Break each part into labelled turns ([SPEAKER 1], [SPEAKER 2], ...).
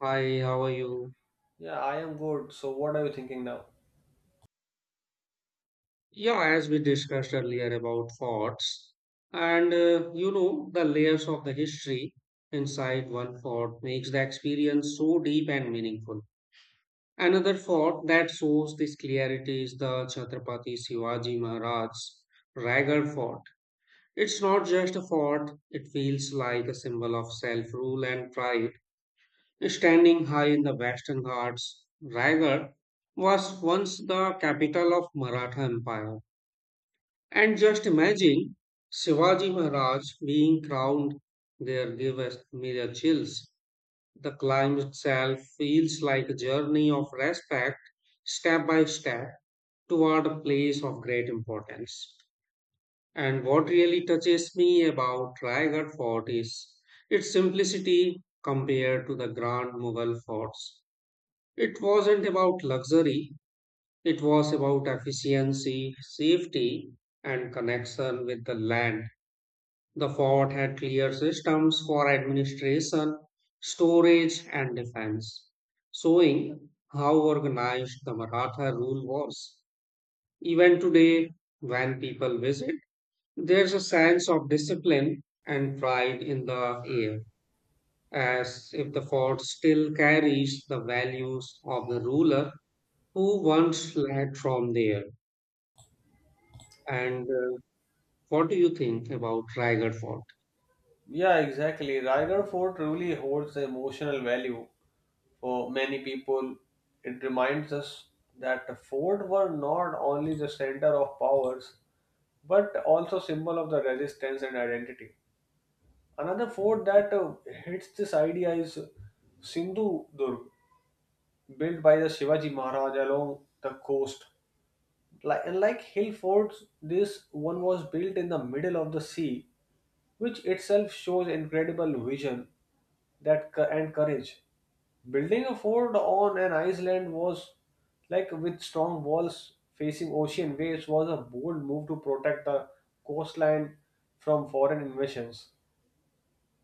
[SPEAKER 1] Hi, how are you?
[SPEAKER 2] Yeah, I am good. So, what are you thinking now?
[SPEAKER 1] Yeah, as we discussed earlier about forts, and the layers of the history inside one fort makes the experience so deep and meaningful. Another fort that shows this clarity is the Chhatrapati Shivaji Maharaj's Raigad Fort. It's not just a fort, it feels like a symbol of self-rule and pride. Standing high in the Western Ghats, Raigad was once the capital of Maratha Empire. And just imagine Shivaji Maharaj being crowned there gives me chills. The climb itself feels like a journey of respect, step by step, toward a place of great importance. And what really touches me about Raigad Fort is its simplicity compared to the grand Mughal forts. It wasn't about luxury, it was about efficiency, safety, and connection with the land. The fort had clear systems for administration, storage, and defense, showing how organized the Maratha rule was. Even today, when people visit, there's a sense of discipline and pride in the air, as if the fort still carries the values of the ruler who once led from there. And What do you think about Raigad Fort?
[SPEAKER 2] Yeah, exactly. Raigarh Fort truly holds emotional value for many people. It reminds us that the fort were not only the center of powers, but also symbol of the resistance and identity. Another fort that hits this idea is Sindhu Durg, built by the Shivaji Maharaj along the coast. Like, and like hill forts, this one was built in the middle of the sea which itself shows incredible vision and courage. Building a fort on an island was like with strong walls facing ocean waves was a bold move to protect the coastline from foreign invasions.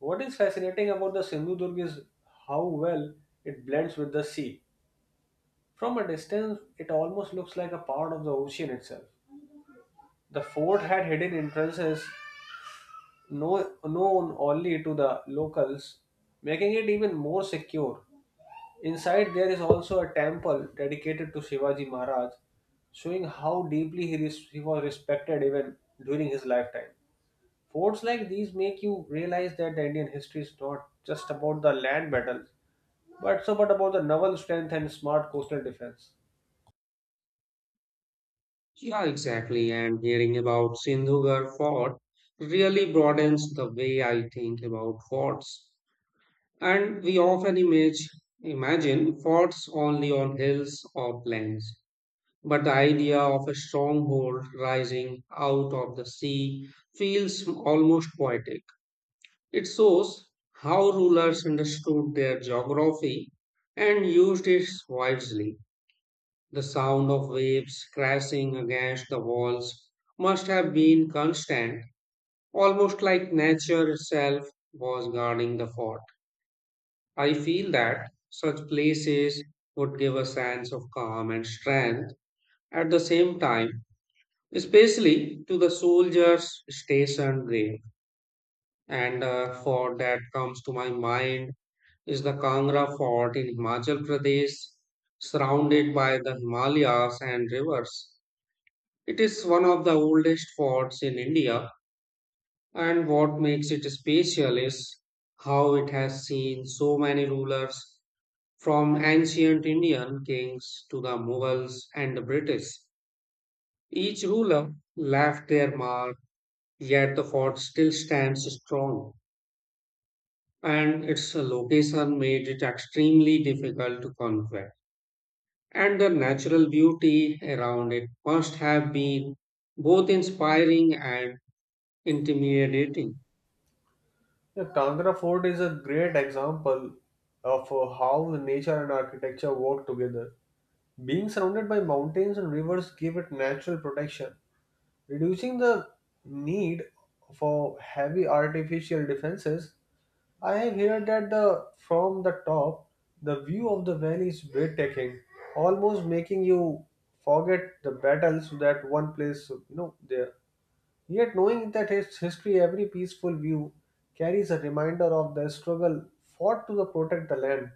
[SPEAKER 2] What is fascinating about the Sindhudurg is how well it blends with the sea. From a distance, it almost looks like a part of the ocean itself. The fort had hidden entrances known only to the locals, making it even more secure. Inside, there is also a temple dedicated to Shivaji Maharaj, showing how deeply he was respected even during his lifetime. Forts like these make you realize that the Indian history is not just about the land battles, but so but about the naval strength and smart coastal defense.
[SPEAKER 1] Yeah, exactly. And hearing about Sindhugar Fort really broadens the way I think about forts. And we often imagine forts only on hills or plains. But the idea of a stronghold rising out of the sea feels almost poetic. It shows how rulers understood their geography and used it wisely. The sound of waves crashing against the walls must have been constant, almost like nature itself was guarding the fort. I feel that such places would give a sense of calm and strength at the same time, especially to the soldiers stationed there. And a fort that comes to my mind is the Kangra Fort in Himachal Pradesh, surrounded by the Himalayas and rivers. It is one of the oldest forts in India, and what makes it special is how it has seen so many rulers from ancient Indian kings to the Mughals and the British. Each ruler left their mark, yet the fort still stands strong, and its location made it extremely difficult to conquer. And the natural beauty around it must have been both inspiring and intimidating.
[SPEAKER 2] The Kangra Fort is a great example of how nature and architecture work together. Being surrounded by mountains and rivers give it natural protection, reducing the need for heavy artificial defenses. I have heard that the from the top, the view of the valley is breathtaking, almost making you forget the battles that one place you know there. Yet knowing that its history, every peaceful view carries a reminder of the struggle fought to the protect the land.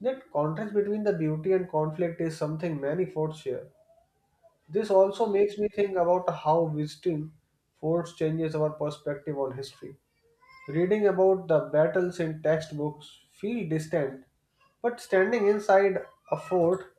[SPEAKER 2] That contrast between the beauty and conflict is something many forts share. This also makes me think about how visiting forts changes our perspective on history. Reading about the battles in textbooks feel distant, but standing inside a fort.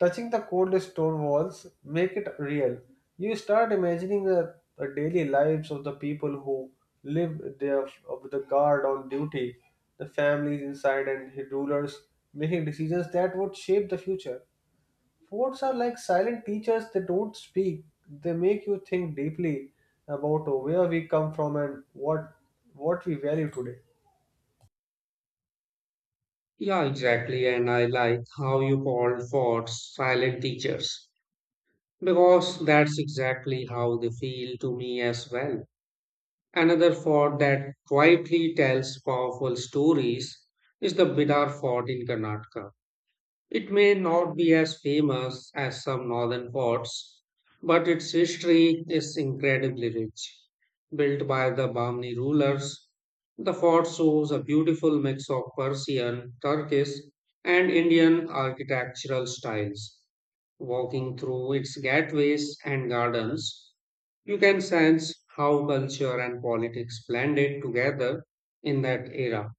[SPEAKER 2] Touching the cold stone walls make it real. You start imagining the daily lives of the people who live there, of the guard on duty, the families inside, and the rulers making decisions that would shape the future. Forts are like silent teachers; they don't speak. They make you think deeply about where we come from and what we value today.
[SPEAKER 1] Yeah, exactly. And I like how you called for silent teachers because that's exactly how they feel to me as well. Another fort that quietly tells powerful stories is the Bidar Fort in Karnataka. It may not be as famous as some northern forts, but its history is incredibly rich. Built by the Bahmani rulers, the fort shows a beautiful mix of Persian, Turkish, and Indian architectural styles. Walking through its gateways and gardens, you can sense how culture and politics blended together in that era.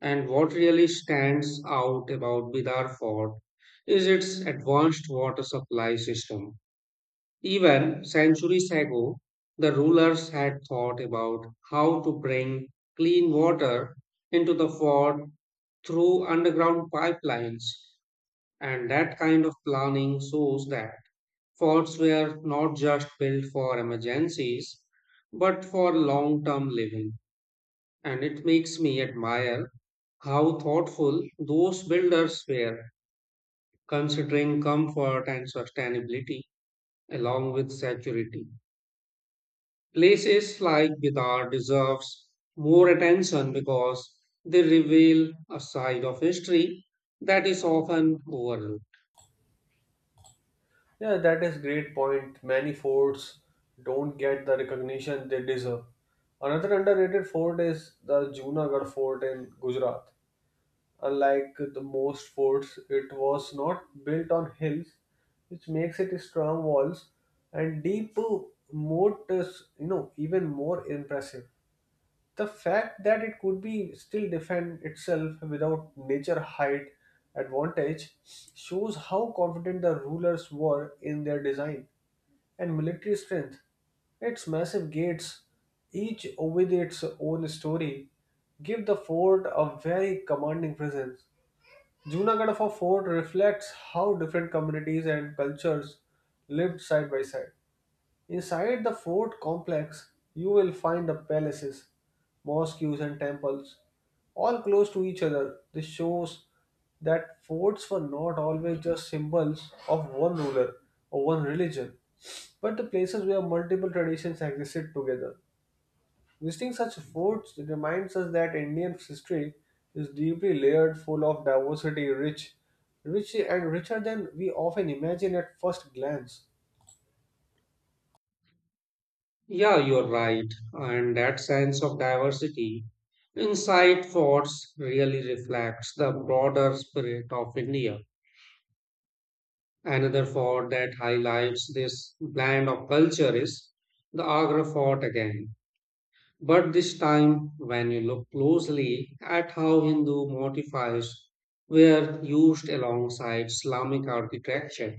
[SPEAKER 1] And what really stands out about Bidar Fort is its advanced water supply system. Even centuries ago, the rulers had thought about how to bring clean water into the fort through underground pipelines. And that kind of planning shows that forts were not just built for emergencies, but for long term living, and it makes me admire how thoughtful those builders were, considering comfort and sustainability along with security. Places like Bidar deserves more attention because they reveal a side of history that is often overlooked.
[SPEAKER 2] Yeah, that is great point. Many forts don't get the recognition they deserve. Another underrated fort is the Junagadh fort in Gujarat. Unlike the most forts, it was not built on hills, which makes it strong walls and deep moat is, you know, even more impressive. The fact that it could be still defend itself without nature height advantage shows how confident the rulers were in their design and military strength. Its massive gates, each with its own story, give the fort a very commanding presence. Junagadh of a fort reflects how different communities and cultures lived side by side. Inside the fort complex, you will find the palaces, mosques, and temples, all close to each other. This shows that forts were not always just symbols of one ruler or one religion, but the places where multiple traditions existed together. Visiting such forts reminds us that Indian history is deeply layered, full of diversity, rich and richer than we often imagine at first glance.
[SPEAKER 1] Yeah, you're right, and that sense of diversity inside forts really reflects the broader spirit of India. Another fort that highlights this blend of culture is the Agra fort again. But this time, when you look closely at how Hindu motifs were used alongside Islamic architecture,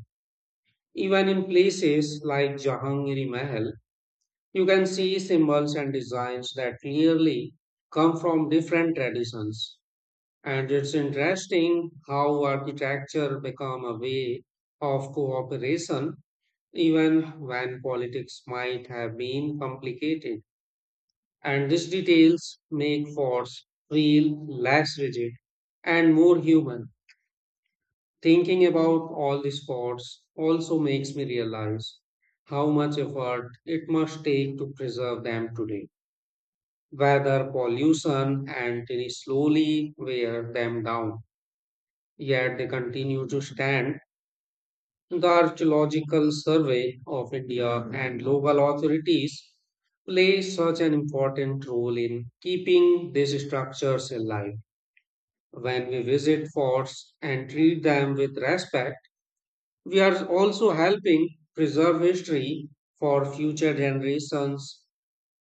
[SPEAKER 1] even in places like Jahangiri Mahal, you can see symbols and designs that clearly come from different traditions. And it's interesting how architecture become a way of cooperation even when politics might have been complicated. And these details make force feel less rigid and more human. Thinking about all these thoughts also makes me realize how much effort it must take to preserve them today, whether pollution and tiny slowly wear them down, yet they continue to stand. The Archaeological Survey of India and local authorities play such an important role in keeping these structures alive. When we visit forts and treat them with respect, we are also helping preserve history for future generations.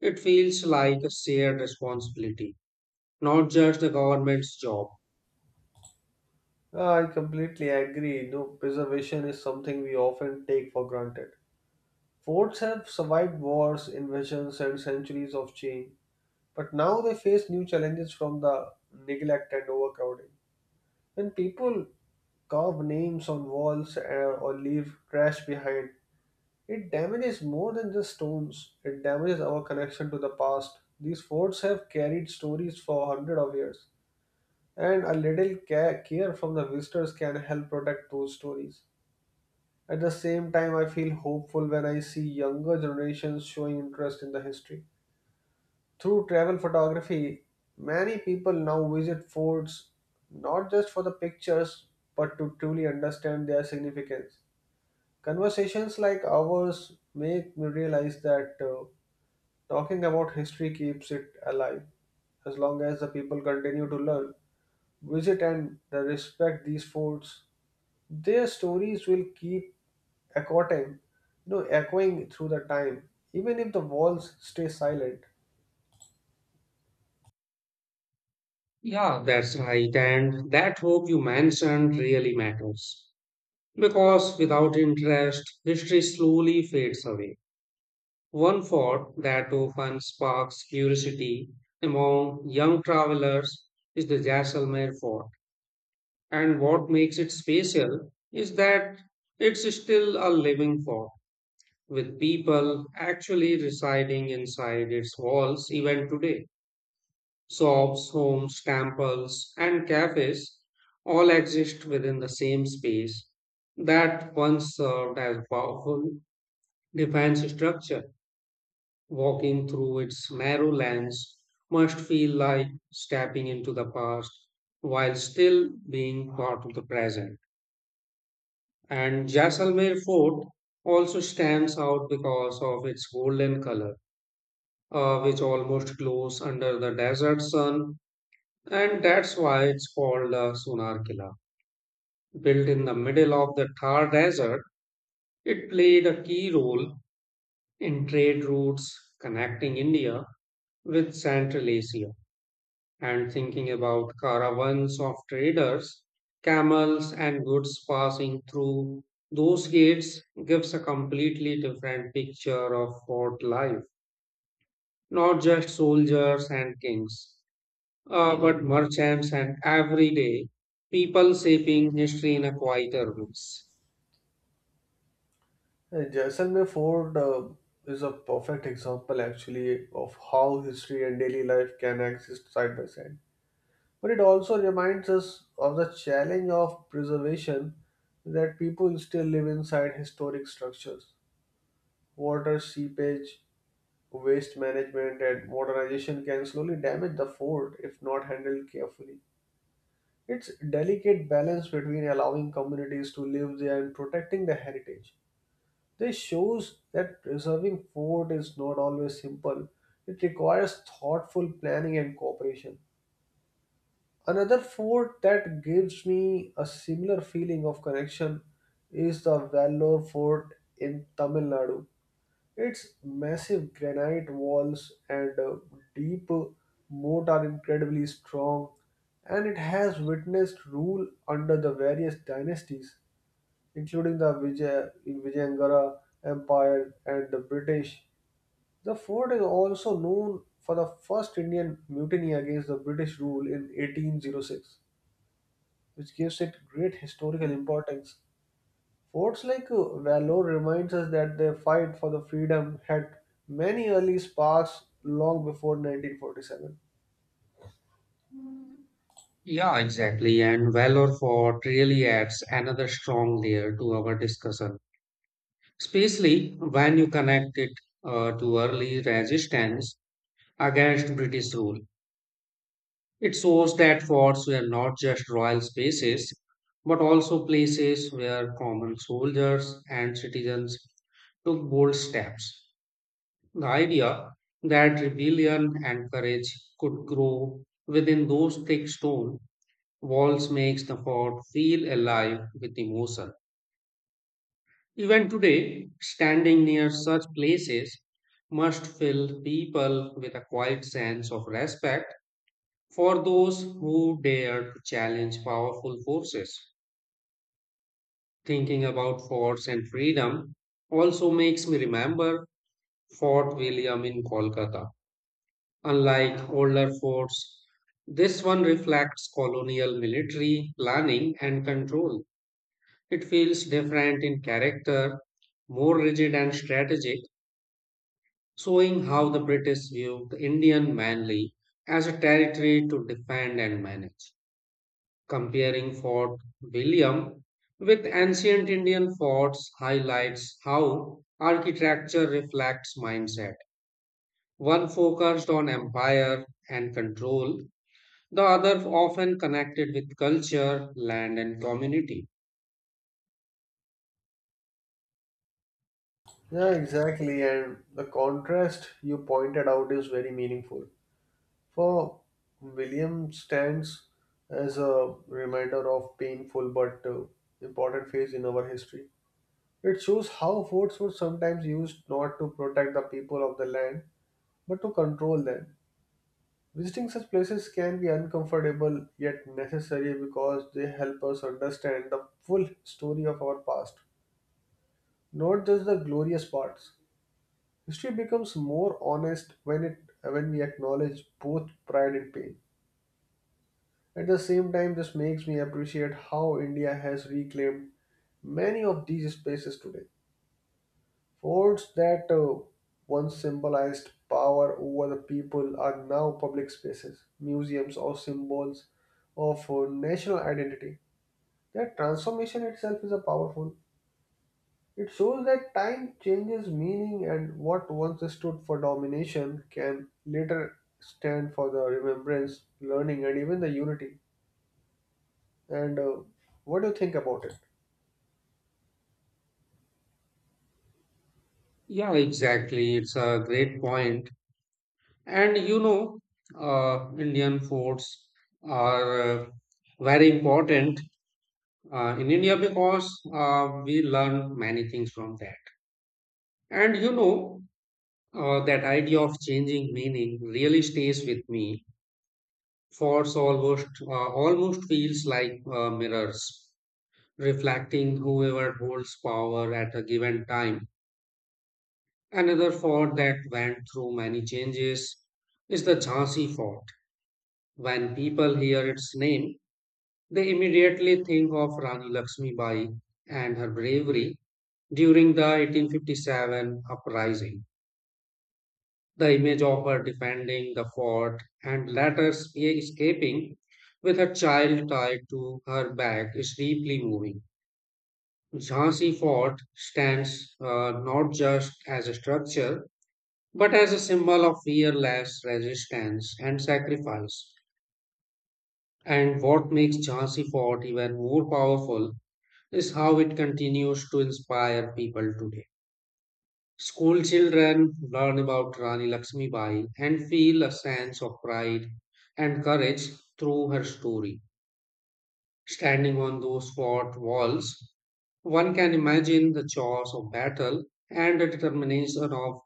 [SPEAKER 1] It feels like a shared responsibility, not just the government's job.
[SPEAKER 2] Ah, I completely agree. No, preservation is something we often take for granted. Forts have survived wars, invasions, and centuries of change, but now they face new challenges from the neglect and overcrowding. When people carve names on walls or leave trash behind, it damages more than just stones. It damages our connection to the past. These forts have carried stories for hundreds of years, and a little care from the visitors can help protect those stories. At the same time, I feel hopeful when I see younger generations showing interest in the history. Through travel photography, many people now visit forts not just for the pictures but to truly understand their significance. Conversations like ours make me realize that talking about history keeps it alive as long as the people continue to learn, visit, and respect these forts. Their stories will keep echoing, you know, echoing through the time. Even if the walls stay silent.
[SPEAKER 1] Yeah, that's right. And that hope you mentioned really matters. Because without interest, history slowly fades away. One thought that often sparks curiosity among young travelers is the Jaisalmer fort. And what makes it special is that it's still a living fort, with people actually residing inside its walls even today. Shops, homes, temples, and cafes all exist within the same space that once served as powerful defines structure. Walking through its narrow lanes, must feel like stepping into the past while still being part of the present. And Jaisalmer Fort also stands out because of its golden color, which almost glows under the desert sun, and that's why it's called the Sonar Killa. Built in the middle of the Thar Desert, it played a key role in trade routes connecting India with Central Asia, and thinking about caravans of traders, camels, and goods passing through those gates gives a completely different picture of fort life. Not just soldiers and kings, but merchants and everyday people shaping history in a quieter ways.
[SPEAKER 2] Jaisalmer Fort is a perfect example, actually, of how history and daily life can exist side by side. But it also reminds us of the challenge of preservation that people still live inside historic structures. Water seepage, waste management, and modernization can slowly damage the fort if not handled carefully. It's delicate balance between allowing communities to live there and protecting their heritage. This shows that preserving fort is not always simple. It requires thoughtful planning and cooperation. Another fort that gives me a similar feeling of connection is the Vellore Fort in Tamil Nadu. Its massive granite walls and deep moat are incredibly strong, and it has witnessed rule under the various dynasties, including the Vijayanagar Empire and the British. The fort is also known for the first Indian mutiny against the British rule in 1806, which gives it great historical importance. Words like valor reminds us that the fight for the freedom had many early sparks long before 1947.
[SPEAKER 1] Yeah, exactly. And Valor Fort really adds another strong layer to our discussion, especially when you connect it to early resistance against British rule. It shows that forts were not just royal spaces, but also places where common soldiers and citizens took bold steps. The idea that rebellion and courage could grow within those thick stone walls makes the fort feel alive with emotion. Even today, standing near such places must fill people with a quiet sense of respect for those who dare to challenge powerful forces. Thinking about forts and freedom also makes me remember Fort William in Kolkata. Unlike older forts, this one reflects colonial military planning and control. It feels different in character, more rigid and strategic, showing how the British viewed the Indian mainly as a territory to defend and manage. Comparing Fort William with ancient Indian forts highlights how architecture reflects mindset. One focused on empire and control, the other often connected with culture, land, and community.
[SPEAKER 2] Yeah, exactly. And the contrast you pointed out is very meaningful. For William stands as a reminder of painful but important phase in our history. It shows how forts were sometimes used not to protect the people of the land but to control them. Visiting such places can be uncomfortable yet necessary because they help us understand the full story of our past, not just the glorious parts. History becomes more honest when we acknowledge both pride and pain. At the same time, this makes me appreciate how India has reclaimed many of these spaces today. Forts that once symbolized power over the people are now public spaces, museums, or symbols of national identity. That transformation itself is a powerful. It shows that time changes meaning, and what once stood for domination can later stand for the remembrance, learning, and even the unity. And what do you think about it?
[SPEAKER 1] Yeah, exactly. It's a great point. And you know, Indian forts are very important in India because we learn many things from that. And you know, that idea of changing meaning really stays with me. Forts almost feels like mirrors, reflecting whoever holds power at a given time. Another fort that went through many changes is the Jhansi Fort. When people hear its name, they immediately think of Rani Lakshmi Bai and her bravery during the 1857 uprising. The image of her defending the fort and later escaping with her child tied to her back is deeply moving. Jhansi Fort stands not just as a structure but as a symbol of fearless resistance and sacrifice. And what makes Jhansi Fort even more powerful is how it continues to inspire people today. School children learn about Rani Lakshmibai and feel a sense of pride and courage through her story. Standing on those fort walls, one can imagine the chores of battle and the determination of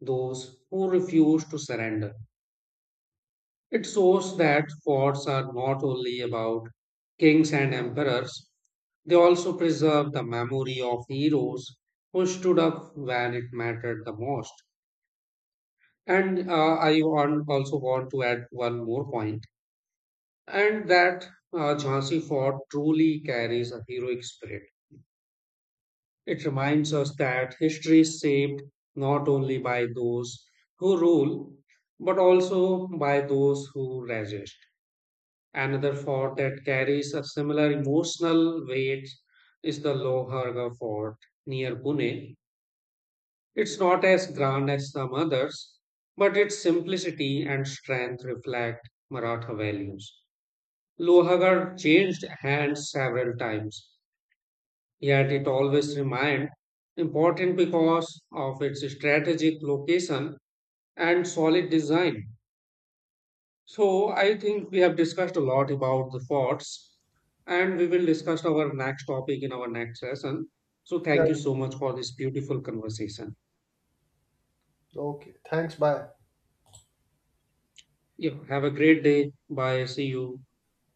[SPEAKER 1] those who refuse to surrender. It shows that forts are not only about kings and emperors, they also preserve the memory of heroes who stood up when it mattered the most. And also want to add one more point, and that Jhansi Fort truly carries a heroic spirit. It reminds us that history is shaped not only by those who rule, but also by those who resist. Another fort that carries a similar emotional weight is the Loharga Fort near Pune. It's not as grand as some others, but its simplicity and strength reflect Maratha values. Lohargarh changed hands several times, yet it always remained important because of its strategic location and solid design. So I think we have discussed a lot about the thoughts, and we will discuss our next topic in our next session. So
[SPEAKER 2] Yeah.
[SPEAKER 1] thank you so much for this beautiful conversation.
[SPEAKER 2] Okay. Thanks. Bye.
[SPEAKER 1] Yeah, have a great day. Bye. See you.